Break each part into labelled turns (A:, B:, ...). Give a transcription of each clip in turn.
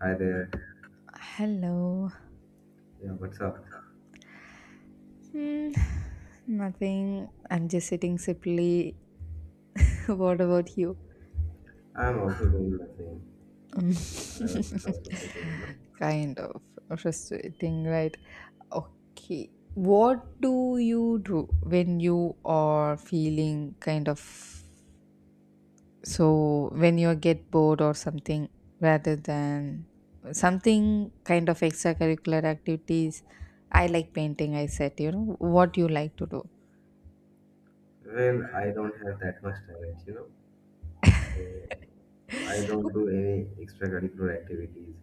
A: Hi there.
B: Hello.
A: Yeah, what's up?
B: Hmm, nothing. I'm just sitting simply. What about you?
A: I'm also doing the same.
B: Mm,
A: I was also sitting.
B: kind of frustrating, right? Okay. What do you do when you are feeling when you get bored or something, rather than something, kind of extracurricular activities? I like painting, I said, you know, what you like to do.
A: Well, I don't have that much talent. So I don't do any extracurricular activities.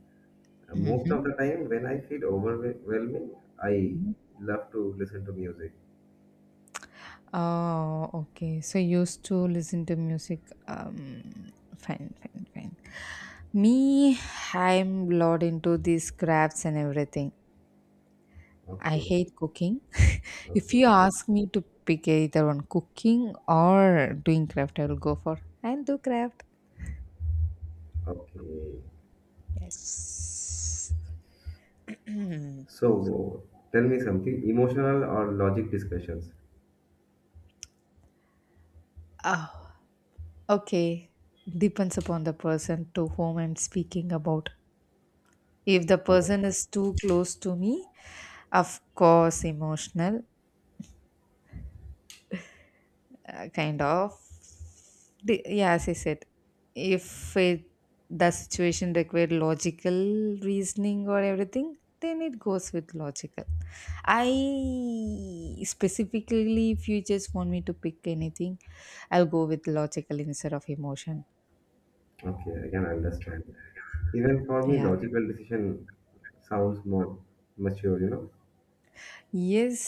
A: Most of the time, when I feel overwhelming, I
B: hmm
A: love to listen to music.
B: Oh, okay. So you used to listen to music. Um, fine, fine, fine. Me, I'm lot into these crafts and everything. I
A: Okay,
B: hate cooking. If you
A: okay,
B: ask me to pick either on cooking or doing craft, I will go for and do craft.
A: okay.
B: Yes.
A: So tell me something emotional or logic discussions.
B: oh, okay. Depends upon the person to whom I'm speaking about. If the
A: Oh,
B: person is too close to me, of course, emotional. Kind of the, yeah as I said if it, the situation required logical reasoning or everything, then it goes with logical. I specifically if you just want me to pick anything, I'll go with logical instead of emotion.
A: okay, I can understand. Even for me,
B: Yeah,
A: logical decision sounds more mature.
B: yes,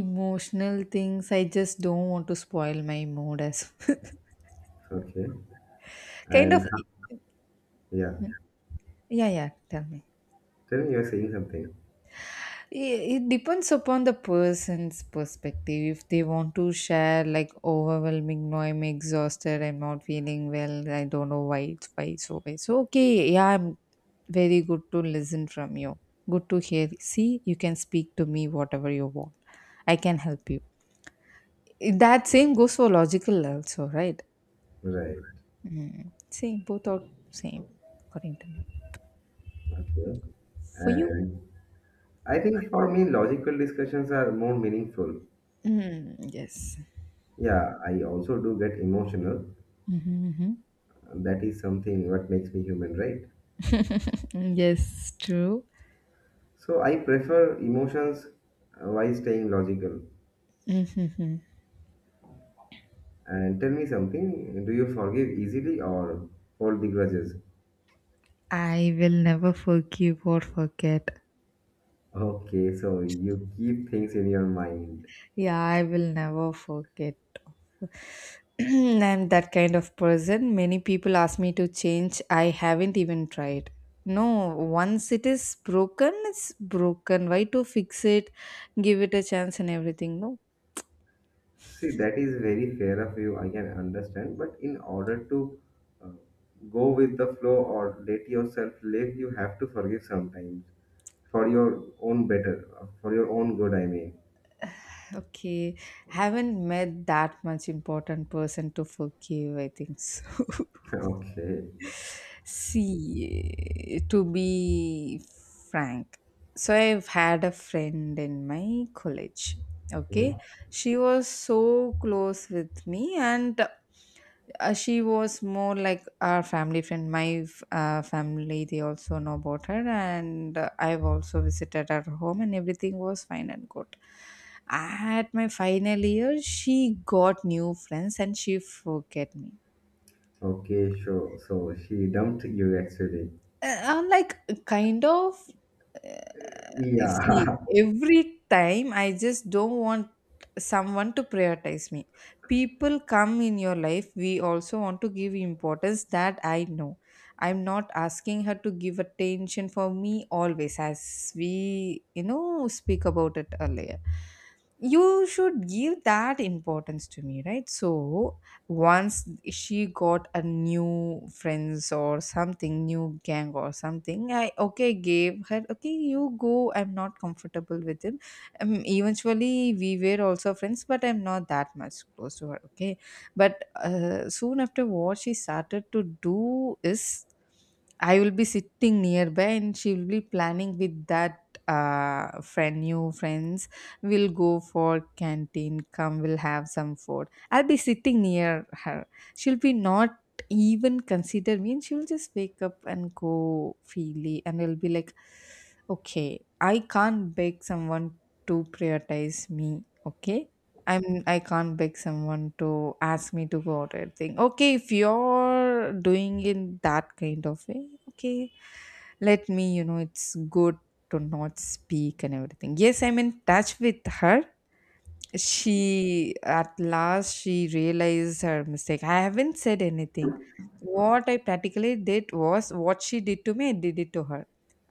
B: emotional things I just don't want to spoil my mood as
A: Okay.
B: kind of
A: And yeah,
B: yeah, tell me.
A: tell me you're saying something.
B: It depends upon the person's perspective. If they want to share like overwhelming, no, I'm exhausted, I'm not feeling well, I don't know why it's why. So okay, yeah, I'm very good to listen from you. Good to hear. See, you can speak to me whatever you want. I can help you. That same goes for logical also, right?
A: Right.
B: Mm. Same, both are same, according to me.
A: Okay.
B: For you?
A: And I think for me, logical discussions are more meaningful.
B: Mm, yes.
A: Yeah, I also do get emotional.
B: Mm-hmm, mm-hmm.
A: That is something what makes me human, right?
B: Mm, yes, true.
A: So I prefer emotions while staying logical.
B: Mhm.
A: And tell me something, do you forgive easily or hold the grudges?
B: I will never forgive or forget.
A: Okay, so you keep things in your mind.
B: Yeah, I will never forget. I'm that kind of person. Many people ask me to change. I haven't even tried. No, once it is broken, it's broken. Why to fix it? Give it a chance and everything. No.
A: See, that is very fair of you. I can understand, but in order to uh, go with the flow or let yourself live, you have to forgive sometimes for your own better, for your own good. I mean,
B: Okay. Haven't met that much important person to forgive, I think so.
A: okay,
B: See, to be frank, so I've had a friend in my college.
A: yeah.
B: Okay, she was so close with me, and she was more like our family friend. My family, they also know about her, and I've also visited her home, and everything was fine and good. At my final year, she got new friends and she forget me.
A: Okay, sure. So she dumped you actually.
B: Uh, I'm like kind of Uh, see,
A: Yeah,
B: every time I just don't want someone to prioritize me. People come in your life, we also want to give importance, that I know. I'm not asking her to give attention for me always, as we, you know, speak about it earlier. You should give that importance to me, right? So, once she got a new friends or something, new gang or something, I okay gave her, okay you go, I'm not comfortable with him. Eventually we were also friends, but I'm not that much close to her. Okay, but soon after, what she started to do is, I will be sitting nearby and she will be planning with that friend, new friends. We'll go for canteen, come we'll have some food. I'll be sitting near her. She'll be not even consider me, and she'll just wake up and go freely, and I'll be like, okay, I can't beg someone to prioritize me. Okay. I can't beg someone to ask me to go out or anything. Okay, if you're doing in that kind of way, okay. Let me, you know, it's good to not speak and everything. Yes, I'm in touch with her, she at last she realized her mistake. I haven't said anything. What I practically did was what she did to me, I did it to her.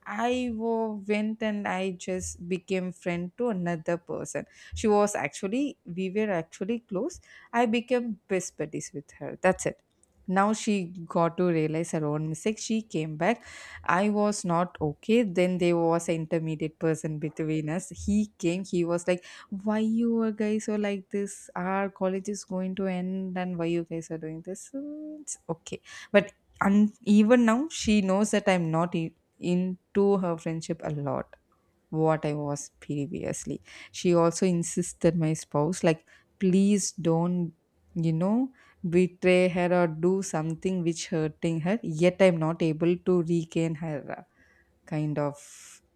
B: Went and I just became friend to another person. We were actually close. I became best buddies with her. That's it. Now she got to realize her own mistake. She came back. I was not okay. Then there was an intermediate person between us. He came. He was like, "Why you are guys are like this? Our college is going to end, and why you guys are doing this? Mm, it's okay." But and even now she knows that I'm not into her friendship a lot, what I was previously. She also insisted my spouse like, please don't, you know, betray her or do something which hurting her. Yet I'm not able to regain her kind of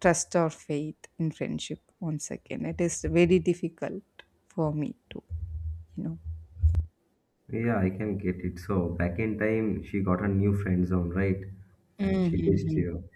B: trust or faith in friendship once again. It is very difficult for me to, you know.
A: yeah, I can get it. So back in time, she got a new friend zone, right? And she ditched
B: Mhm.
A: you.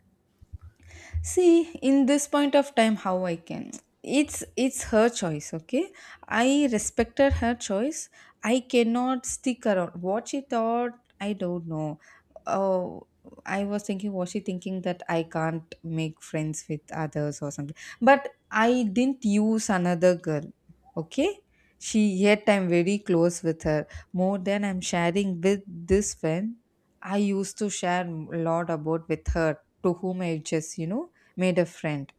B: See, in this point of time, how I can, it's her choice, okay, I respected her choice. I cannot stick around what she thought. I don't know. Oh, I was thinking, was she thinking that I can't make friends with others or something? But I didn't use another girl. Okay, she, yet I'm very close with her, more than I'm sharing with this friend. I used to share a lot about with her, to whom I just, you know, made a friend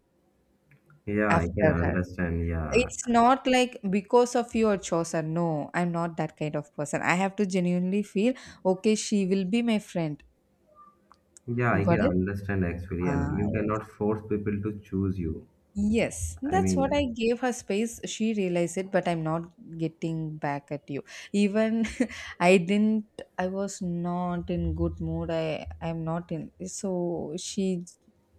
A: Yeah, I can
B: after her.
A: understand. Yeah,
B: It's not like because of your chosen. No, I'm not that kind of person. I have to genuinely feel okay, she will be my friend.
A: yeah, I
B: Got
A: can
B: it?
A: understand actually, and
B: Ah,
A: you
B: yes.
A: cannot force people to choose you.
B: Yes,
A: I
B: that's what
A: mean,
B: I gave her space. She realized it, but I'm not getting back at you. Even I was not in good mood. I'm not in, so she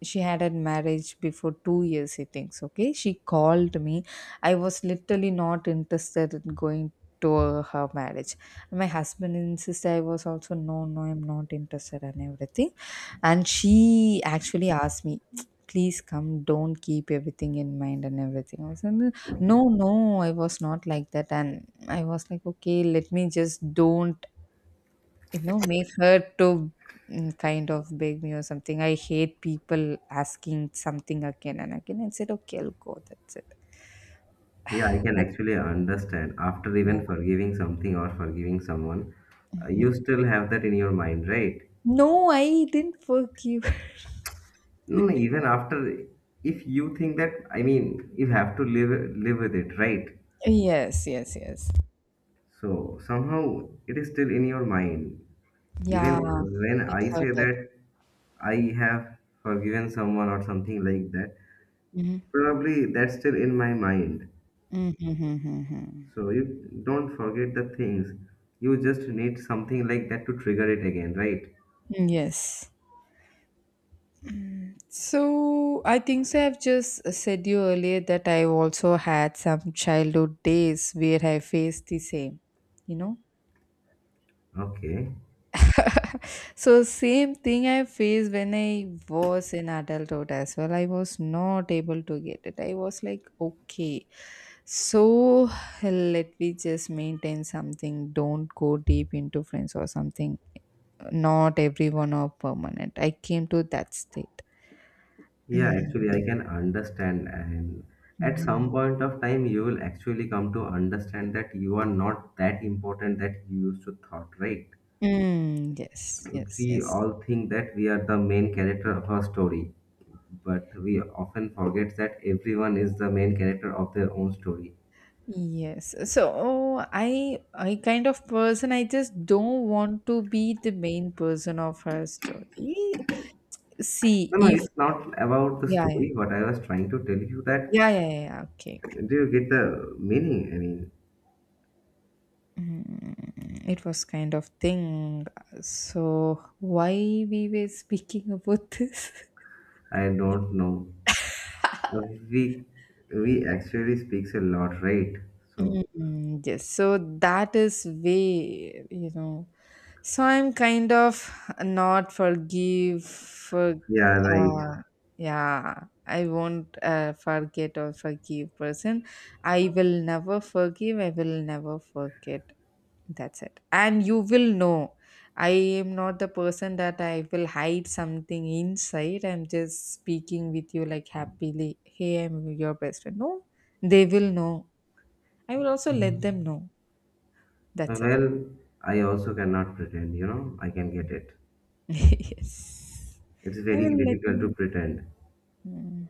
B: she had a marriage before 2 years I think so, okay she called me. I was literally not interested in going to her marriage. My husband insisted, I was also no no I'm not interested and everything. And she actually asked me, please come, don't keep everything in mind and everything. I was like, no no, I was not like that. And I was like, okay, let me just don't, you know, make her to kind of beg me or something. I hate people asking something again and again. I said, okay, I'll go. That's it.
A: yeah, I can
B: But,
A: actually understand. After
B: yeah.
A: even forgiving something or forgiving someone,
B: Mhm.
A: you still have that in your mind, right?
B: No, I didn't fuck you.
A: No, no, even after, if you think that, I mean, you have to live with it, right?
B: Yes, yes, yes.
A: So somehow it is still in your mind. Even
B: Yeah,
A: when
B: it
A: I say
B: hurted.
A: that I have forgiven someone or something like that,
B: Mm-hmm.
A: probably that's still in my mind.
B: Mm-hmm.
A: So you don't forget the things. You just need something like that to trigger it again, right?
B: Yes. So I think so I've just said you earlier that I also had some childhood days where I faced the same, you know.
A: Okay.
B: So same thing I faced when I was in adulthood as well. I was not able to get it. I was like, okay, so let me just maintain something. Don't go deep into friends or something. Not everyone are permanent. I came to that state.
A: Yeah, actually, I
B: Mm.
A: can understand. And at some
B: Mhm.
A: point of time, you will actually come to understand that you are not that important that you used to thought, right?
B: Mm, yes, yes,
A: We
B: yes.
A: all think that we are the main character of our story, but we often forget that everyone is the main character of their own story.
B: Yes. So I kind of person, I just don't want to be the main person of her story. See
A: No, no,
B: if
A: it's not about the
B: yeah, yeah.
A: story. What I was trying to tell you that
B: Yeah, yeah, yeah, yeah. Okay, okay.
A: do you get the meaning? I mean,
B: Mm, it was kind of thing. So why we were speaking about this?
A: I don't know. Uh, We we actually speaks a lot, right? So
B: Mm, yes, so that is way, you know. So I'm kind of not forgive for
A: yeah, right.
B: uh yeah, I won't forget or forgive person. I will never forgive, I will never forget. That's it. And you will know. I am not the person that I will hide something inside. I'm just speaking with you like happily. Hey, I'm your best friend. No, they will know. I will also let them know. That's it.
A: Well, I also cannot pretend. I can get it.
B: Yes.
A: It's
B: I
A: very
B: will let
A: difficult to
B: them
A: pretend.
B: know. Hmm.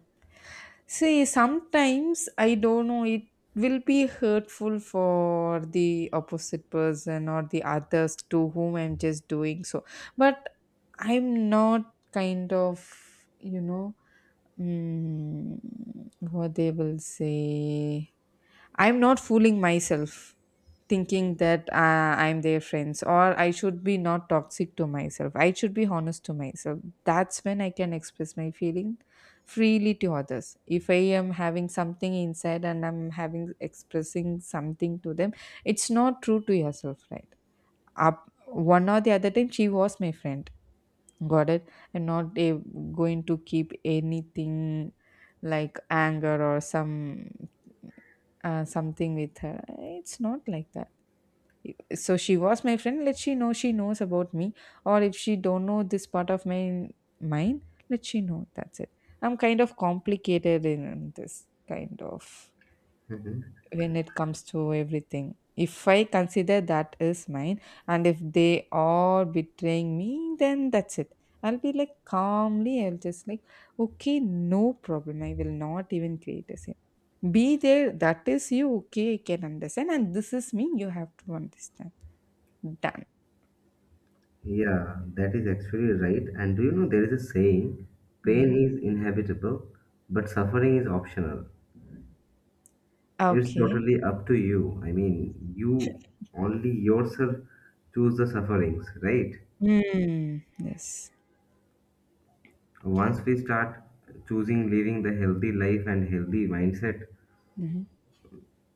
B: See, sometimes I don't know, it will be hurtful for the opposite person or the others to whom I'm just doing so. But I'm not kind of, you know, mm, what they will say. I'm not fooling myself thinking that I'm their friends, or I should be not toxic to myself. I should be honest to myself. That's when I can express my feeling freely to others. If I am having something inside and I'm having expressing something to them, it's not true to yourself, right? Up one or the other time, she was my friend. Got it? I'm not eh, Going to keep anything like anger or some something with her. It's not like that. So she was my friend. Let she know, she knows about me, or if she don't know this part of my mind, let she know. That's it. I'm kind of complicated in this kind of,
A: Hmm.
B: when it comes to everything. If I consider that is mine, and if they are betraying me, then that's it. I'll be like calmly, I'll just like, okay, no problem. I will not even create a scene. Be there, that is you, okay, I can understand. And this is me, you have to understand. Done.
A: Yeah, that is actually right. And do you know there is a saying, pain
B: Hmm
A: is inevitable, but suffering is optional. It's
B: Okay.
A: totally up to you. I mean, you only yourself choose the sufferings, right?
B: Mm, yes.
A: Once we start choosing living the healthy life and healthy mindset,
B: Mm-hmm.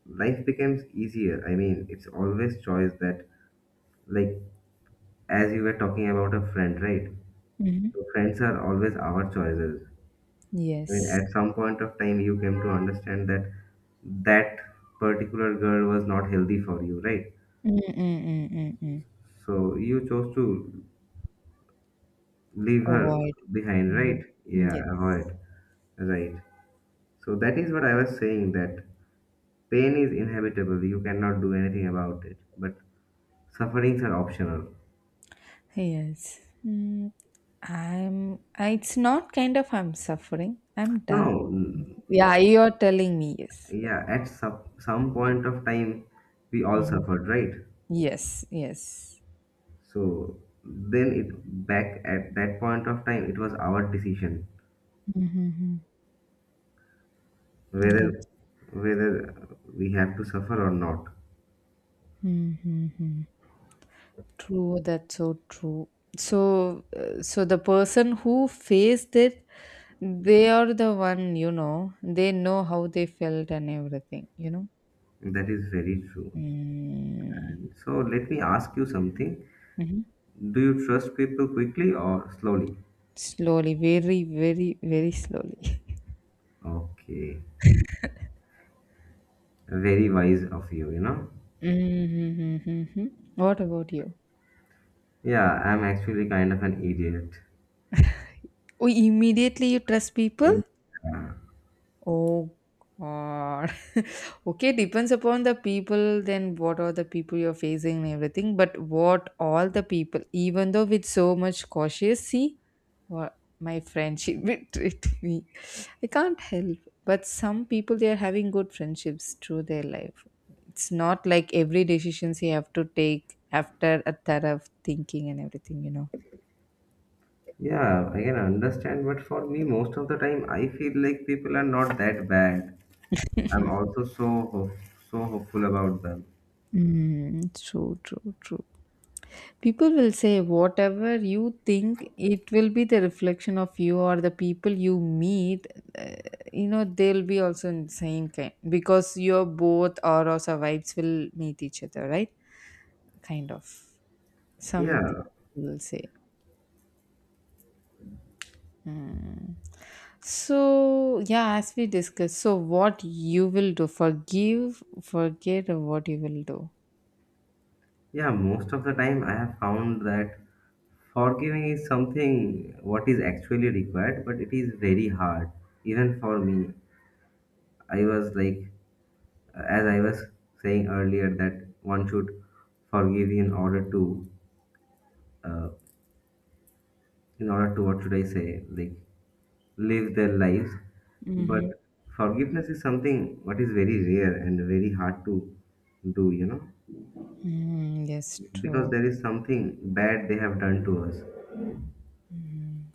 A: life becomes easier. I mean, it's always choice that, like, as you were talking about a friend, right?
B: Mm-hmm.
A: So friends are always our choices. I mean,
B: Yes.
A: at some point of time, you came to understand that that particular girl was not healthy for you, right?
B: Mm-mm-mm-mm-mm.
A: So you chose to leave her
B: Avoid.
A: behind, right?
B: Mm.
A: Yeah,
B: Yes.
A: avoid, right. So that is what I was saying that pain is inevitable, you cannot do anything about it, but sufferings are optional.
B: Yes. Mm, it's not kind of I'm suffering. I'm done.
A: No, mm,
B: Yeah, you're telling me yes. Yeah.
A: yeah, at some point of time, we all
B: Mhm.
A: suffered, right?
B: Yes, yes.
A: So then it back at that point of time, it was our decision
B: Mm-hmm.
A: whether
B: That's
A: whether we have to suffer or not.
B: mm-hmm. True, that's so true. So so the person who faced it, they are the one, you know, they know how they felt and everything, you know.
A: That is very true.
B: Mm-hmm.
A: And so let me ask you something. Do you trust people quickly or slowly?
B: Slowly, very, very, very slowly.
A: Okay, very wise of you, you know.
B: Mhm. What about you?
A: Yeah, I'm actually kind of an idiot.
B: Oh, immediately you trust people?
A: Eh, Yeah,
B: Oh God. Okay, depends upon the people, then what are the people you're facing and everything. But what all the people, even though with so much cautious, see, what my friendship betrayed me. I can't help. But some people they are having good friendships through their life. It's not like every decisions you have to take after a thorough thinking and everything.
A: yeah, I can understand, but for me, most of the time, I feel like people are not that bad. I'm also so hopeful about them.
B: Mm, true, true, true. People will say whatever you think, it will be the reflection of you or the people you meet. Uh, they'll be also in same kind because your both auras or vibes will meet each other, right? Kind of something
A: Yeah,
B: you will say. Mm. So yeah, as we discussed, so what you will do, forgive, forget, or what you will do.
A: yeah, most of the time, I have found that forgiving is something what is actually required, but it is very hard. Even for me, I was like, as I was saying earlier, that one should forgive uh, in order to what should I say, like live their lives. But
B: Mm-hmm.
A: forgiveness is something what is very rare and very hard to do, you know,
B: Mm, yes,
A: because
B: true.
A: there is something bad they have done to us.
B: Mm.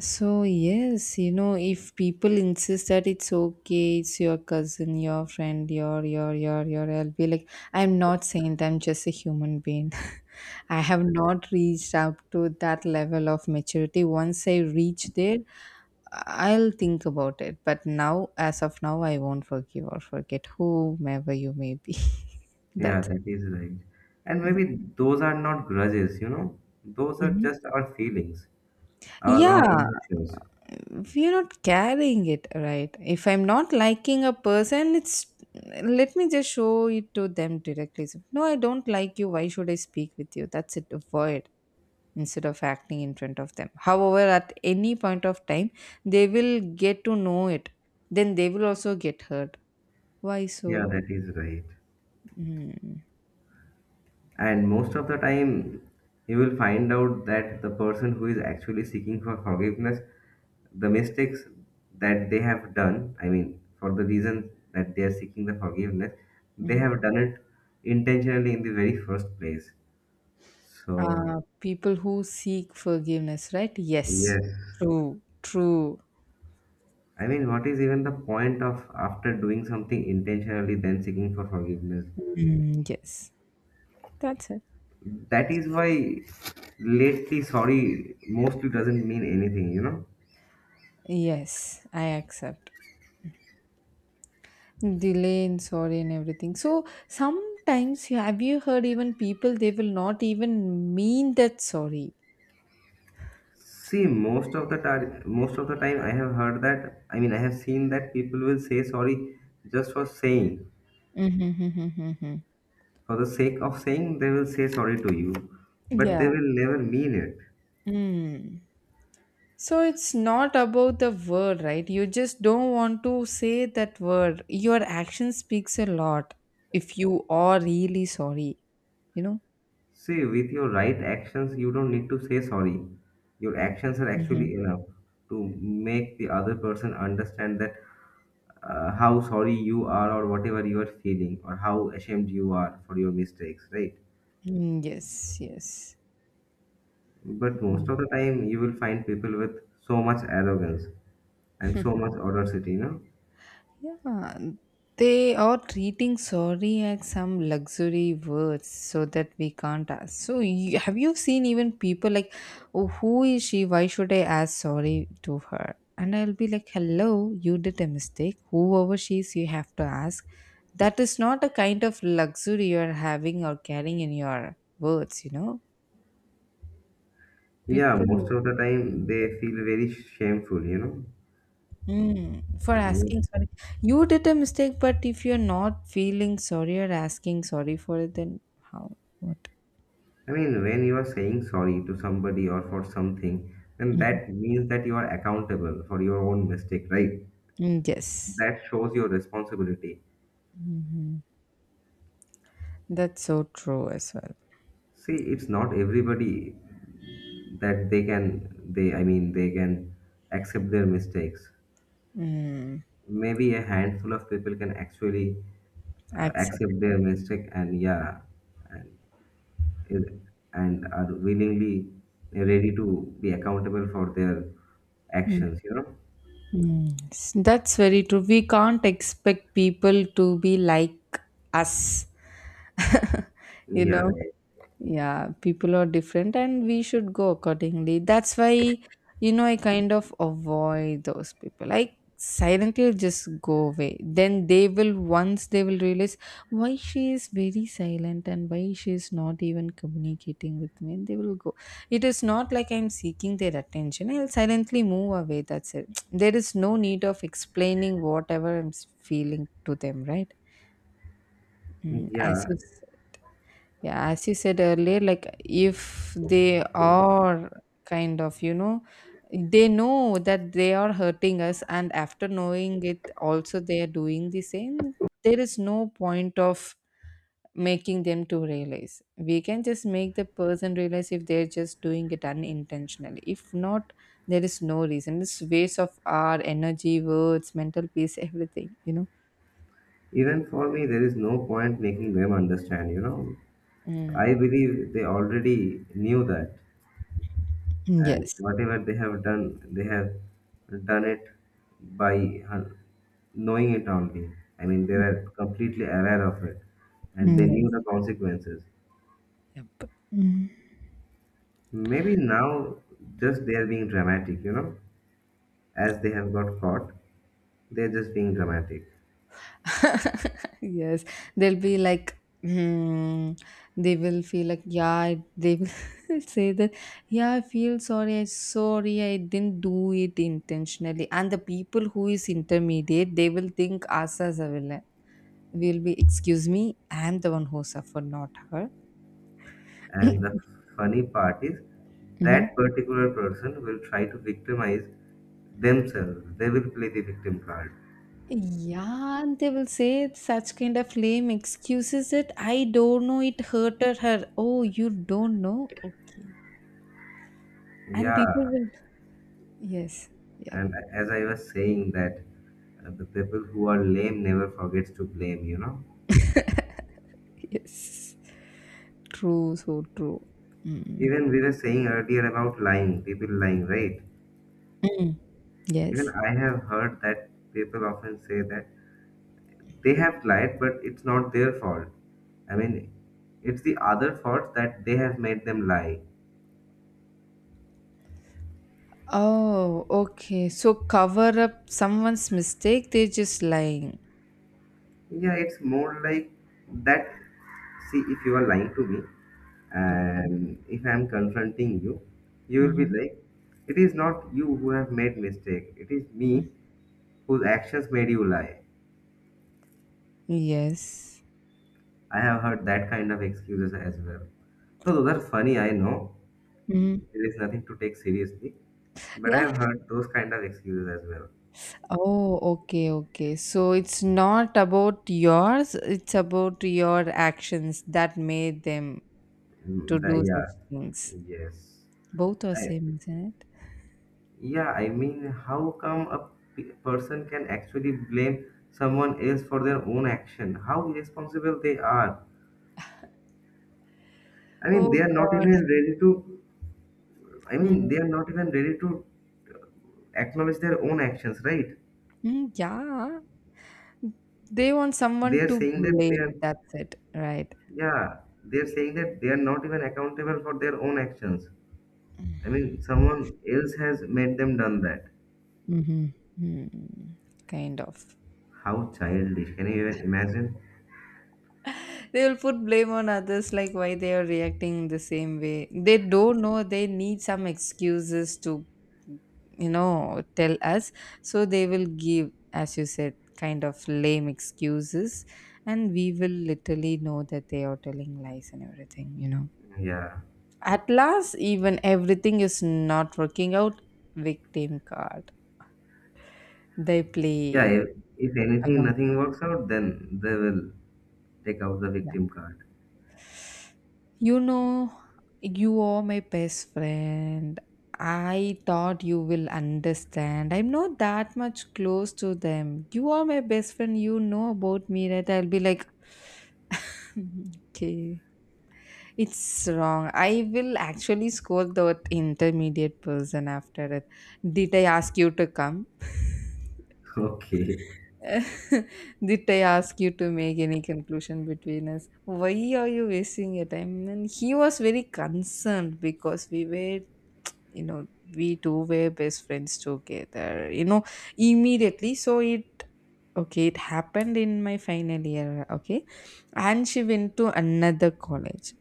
B: So, yes, if people insist that it's okay, it's your cousin, your friend, your, I'll be like, I'm not saying that I'm just a human being. I have not reached up to that level of maturity. Once I reach there, I'll think about it. But now, as of now, I won't forgive or forget whomever you may be.
A: Yeah,
B: That's it.
A: that is right. And
B: Yeah.
A: maybe those are not grudges, those are
B: Mhm.
A: just our feelings, our raw
B: Yeah,
A: emotions.
B: we're not carrying it right. If I'm not liking a person, it's, let me just show it to them directly. So, no, I don't like you, why should I speak with you? That's it. Avoid, instead of acting in front of them. However, at any point of time they will get to know it, then they will also get hurt. Why
A: Yeah,
B: so?
A: that is right.
B: Mm.
A: And most of the time, you will find out that the person who is actually seeking for forgiveness, the mistakes that they have done, I mean, for the reason that they are seeking the forgiveness, they
B: Mhm.
A: have done it intentionally in the very first place. So,
B: uh, People who seek forgiveness, right? Yes.
A: yes.
B: True. True.
A: I mean, what is even the point of after doing something intentionally, then seeking for forgiveness?
B: Mm, yes. That's it.
A: That is why lately sorry mostly doesn't mean anything, you know?
B: Yes, I accept delay and sorry and everything. So sometimes, have you heard, even people, they will not even mean that sorry?
A: See, most of the time, I have heard that. I mean, I have seen that people will say sorry just for saying,
B: Mm-hmm.
A: for the sake of saying, they will say sorry to you, but
B: Yeah.
A: they will never mean it.
B: Mm. So it's not about the word, right? You just don't want to say that word. Your action speaks a lot if you are really sorry you know
A: See, with your right actions, you don't need to say sorry. Your actions are
B: Mm-hmm.
A: actually enough to make the other person understand that how sorry you are or whatever you are feeling or how ashamed you are for your mistakes, right?
B: Mm, yes. Yes.
A: But most of the time, you will find people with so much arrogance and so much audacity.
B: Yeah, they are treating sorry as some luxury words so that we can't ask. So, have you seen even people like, oh, who is she? Why should I ask sorry to her? And I'll be like, hello, you did a mistake. Whoever she is, you have to ask. That is not a kind of luxury you're having or carrying in your words, you know?
A: Yeah,
B: People.
A: most of the time they feel very shameful.
B: Mm, for
A: Mm,
B: asking sorry. You did a mistake, but if you're not feeling sorry or asking sorry for it, then how? What?
A: I mean, when you are saying sorry to somebody or for something, then
B: Mhm.
A: that means that you are accountable for your own mistake, right?
B: Mm, yes.
A: That shows your responsibility.
B: Hmm. That's so true as well.
A: See, it's not everybody that, I mean, they can accept their mistakes.
B: Mm,
A: Maybe a handful of people can actually
B: accept.
A: accept their mistake and yeah, and. is- and are willingly ready to be accountable for their
B: Mm,
A: actions, you know?
B: mm. That's very true. We can't expect people to be like us. you
A: Yeah,
B: know,
A: right.
B: Yeah, people are different and we should go accordingly. That's why, I kind of avoid those people. I silently just go away. Then once they will realize why she is very silent and why she is not even communicating with me, and they will go. It is not like I'm seeking their attention. I'll silently move away. That's it. There is no need of explaining whatever I'm feeling to them, right? Mm. as
A: Yeah.
B: you yeah, as you said earlier, like if they are kind of, they know that they are hurting us, and after knowing it, also they are doing the same. There is no point of making them to realize. We can just make the person realize if they're just doing it unintentionally. If not, there is no reason. It's waste of our energy, words, mental peace, everything.
A: Even for me, there is no point making them understand, you know?
B: Mm.
A: I believe they already knew that. And
B: Yes.
A: whatever they have done it by knowing it only. I mean, they
B: Mm.
A: were completely aware of it and they knew
B: Yes.
A: the consequences.
B: Yep. Mm.
A: Maybe now just they are being dramatic, you know? As they have got caught. They're just being dramatic.
B: Yes, they'll be like, hmm, they will feel like, yeah, they will say that, yeah, I feel sorry, I didn't do it intentionally. And the people who is intermediate, they will think us as a villain. Will be, excuse me, I'm the one who suffered, not her.
A: And the funny part is
B: Hmm.
A: that particular person will try to victimize themselves. They will play the victim card.
B: Yeah, and they will say such kind of lame excuses that I don't know it hurted her. Oh, you don't know? Okay. And people
A: Yeah.
B: will. Yes. Yep.
A: And as I was saying that the people who are lame never forgets to blame.
B: Yes. True. So true. Mm.
A: Even we were saying earlier about lying, people lying, right?
B: Mm.
A: Even
B: Yes.
A: I have heard that people often say that they have lied, but it's not their fault. I mean, it's the other faults that they have made them lie.
B: Oh, okay. So cover up someone's mistake, they're just lying.
A: Yeah, it's more like that. See, if you are lying to me
B: Okay.
A: and if I'm confronting you, you will be
B: Hmm.
A: like, it is not you who have made mistake. It is me whose actions made you lie.
B: Yes.
A: I have heard that kind of excuses as well. So those are funny, I know.
B: Hmm.
A: There is nothing to take seriously, but I
B: Yeah.
A: have heard those kind of excuses as well.
B: Oh, okay, okay. So it's not about yours, it's about your actions that made them to
A: Mm, The,
B: do such things.
A: yeah, yes.
B: Both are
A: I,
B: same, isn't it?
A: yeah, I mean, how come a person can actually blame someone else for their own action? How irresponsible they are. I mean,
B: Oh
A: they are not
B: God.
A: even ready to, I
B: Mhm.
A: mean, they are not even ready to uh, acknowledge their own actions, right?
B: Mm. Yeah. They want
A: They
B: someone
A: are
B: to
A: saying that they are,
B: blame. That's it, right?
A: yeah, they are saying that they are not even accountable for their own actions. I mean, someone else has made them done that.
B: Mm-hmm. Hmm. Kind of.
A: How childish. Can you even imagine?
B: They will put blame on others, like why they are reacting the same way. They don't know they need some excuses to, tell us. So they will give, as you said, kind of lame excuses, and we will literally know that they are telling lies and everything.
A: Yeah.
B: At last, even everything is not working out. Victim card. They
A: Yeah,
B: play
A: if anything
B: along.
A: nothing works out, then they will take out the
B: Yeah.
A: victim card.
B: You know, you are my best friend. I thought you will understand. I'm not that much close to them. You are my best friend. You know about me, right? I'll be like, okay, it's wrong. I will actually scold that intermediate person after it. Did I ask you to come?
A: Okay,
B: Did I ask you to make any conclusion between us? Why are you wasting your time? And he was very concerned because you know we two were best friends together, immediately. So it okay, it happened in my final year. Okay, and she went to another college.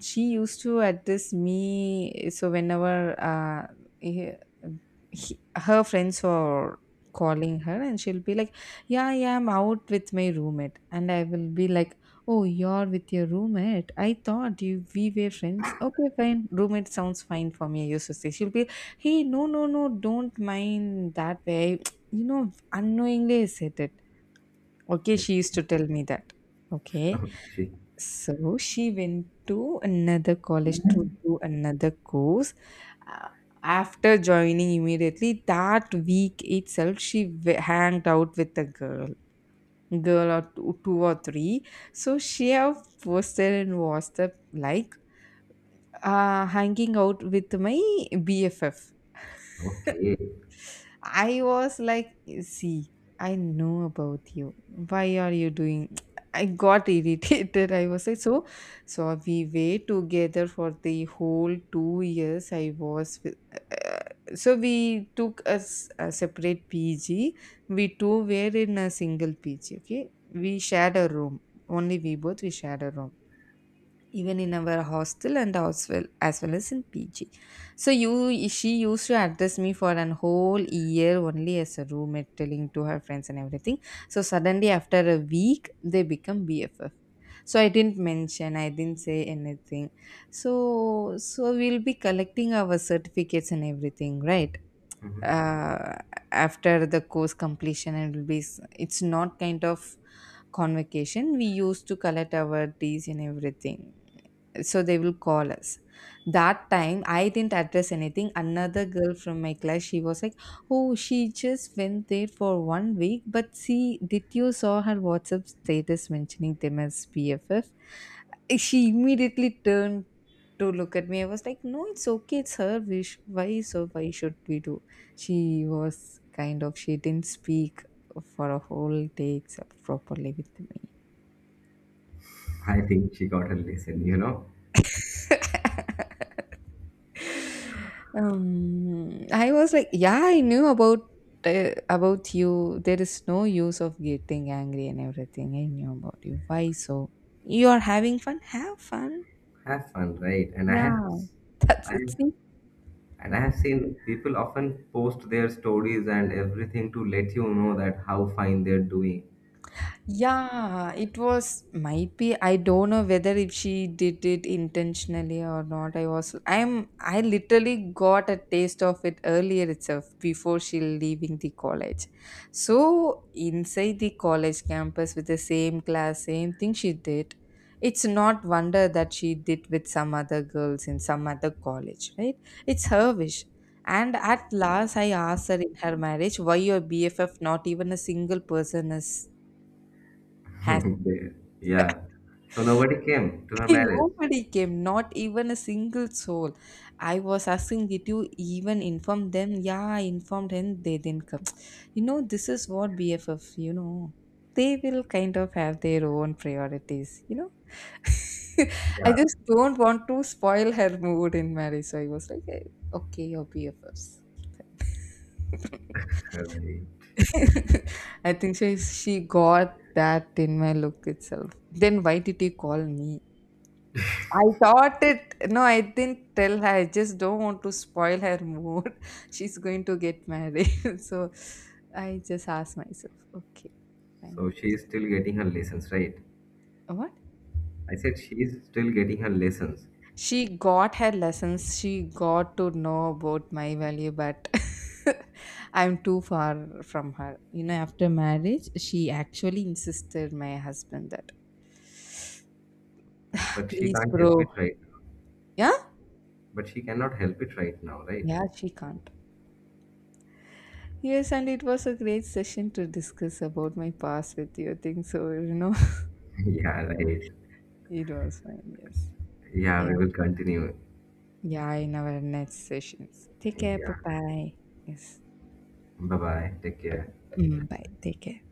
B: She used to address me, so whenever he, her friends are calling her and she'll be like, yeah, yeah, I'm out with my roommate. And I will be like, oh, you're with your roommate. I thought you we were friends. Okay, fine. Roommate sounds fine for me. I used to say. She'll be, hey, no, no, no, don't mind that way. Unknowingly I said it. Okay, she used to
A: okay,
B: tell me that. Okay,
A: okay,
B: so she went to another college to do another course. Uh, After joining, immediately that week itself, she hanged out with the girl or two, two or three. So she have posted in WhatsApp like, hanging out with my BFF.
A: okay.
B: I was like, see, I know about you. Why are you doing? I got irritated. I was like, so we were together for the whole 2 years. So we took a separate PG. We two were in a single PG. Okay, we shared a room. Only we both we shared a room, even in our hostel and as well as in PG. So you she used to address me for an whole year only as a roommate, telling to her friends and everything. So suddenly after a week they become BFF. So I didn't mention, I didn't say anything. So we'll be collecting our certificates and everything, right?
A: Mhm.
B: Uh, After the course completion, and it will be it's not kind of convocation, we used to collect our teas and everything. So they will call us. That time I didn't address anything. Another girl from my class, she was like, oh, she just went there for one week, but see, did you saw her WhatsApp status mentioning them as PFF? She immediately turned to look at me. I was like, no, it's okay, it's her wish. Why so? Why should we do? She was kind of, she didn't speak for a whole day except properly with me.
A: I think she got her lesson.
B: I was like, yeah, I knew about you. There is no use of getting angry and everything. I knew about you. Why so? You are having fun. Have fun.
A: Have fun, right?
B: Yeah, that's
A: I
B: it.
A: have, and I have seen people often post their stories and everything to let you know that how fine they're doing.
B: Yeah, it was might be I don't know whether if she did it intentionally or not. I was I'm I literally got a taste of it earlier itself before she leaving the college. So inside the college campus with the same class, same thing she did. It's not wonder that she did with some other girls in some other college, right? It's her wish. And at last I asked her in her marriage, why your BFF not even a single person is has?
A: They- yeah. So nobody came to her marriage.
B: Nobody came, not even a single soul. I was asking, did you even inform them? Yeah, I informed him. They didn't come. You know, this is what BFF, they will kind of have their own priorities. I
A: Yeah,
B: just don't want to spoil her mood in marriage. So I was like, "Eh, okay, your BFFs."
A: right.
B: I think she got that in my look itself. Then why did you call me? I thought it. No, I didn't tell her. I just don't want to spoil her mood. She's going to get married. So I just asked myself, okay,
A: So
B: fine.
A: she is still getting her lessons, right?
B: What?
A: I said she is still getting her lessons.
B: She got her lessons. She got to know about my value, but I'm too far from her. After marriage, she actually insisted my husband that,
A: But she
B: please,
A: can't help
B: bro.
A: it right now.
B: Yeah?
A: But she cannot help it right now, right?
B: Yeah, she can't. Yes, and it was a great session to discuss about my past with you. I think so.
A: Yeah, right.
B: It was fine, yes.
A: Yeah,
B: Yeah,
A: we will continue.
B: yeah, in our next sessions. Take care, bye
A: Yeah,
B: bye. Yes.
A: bye bye. Take care.
B: Mm, bye, take care.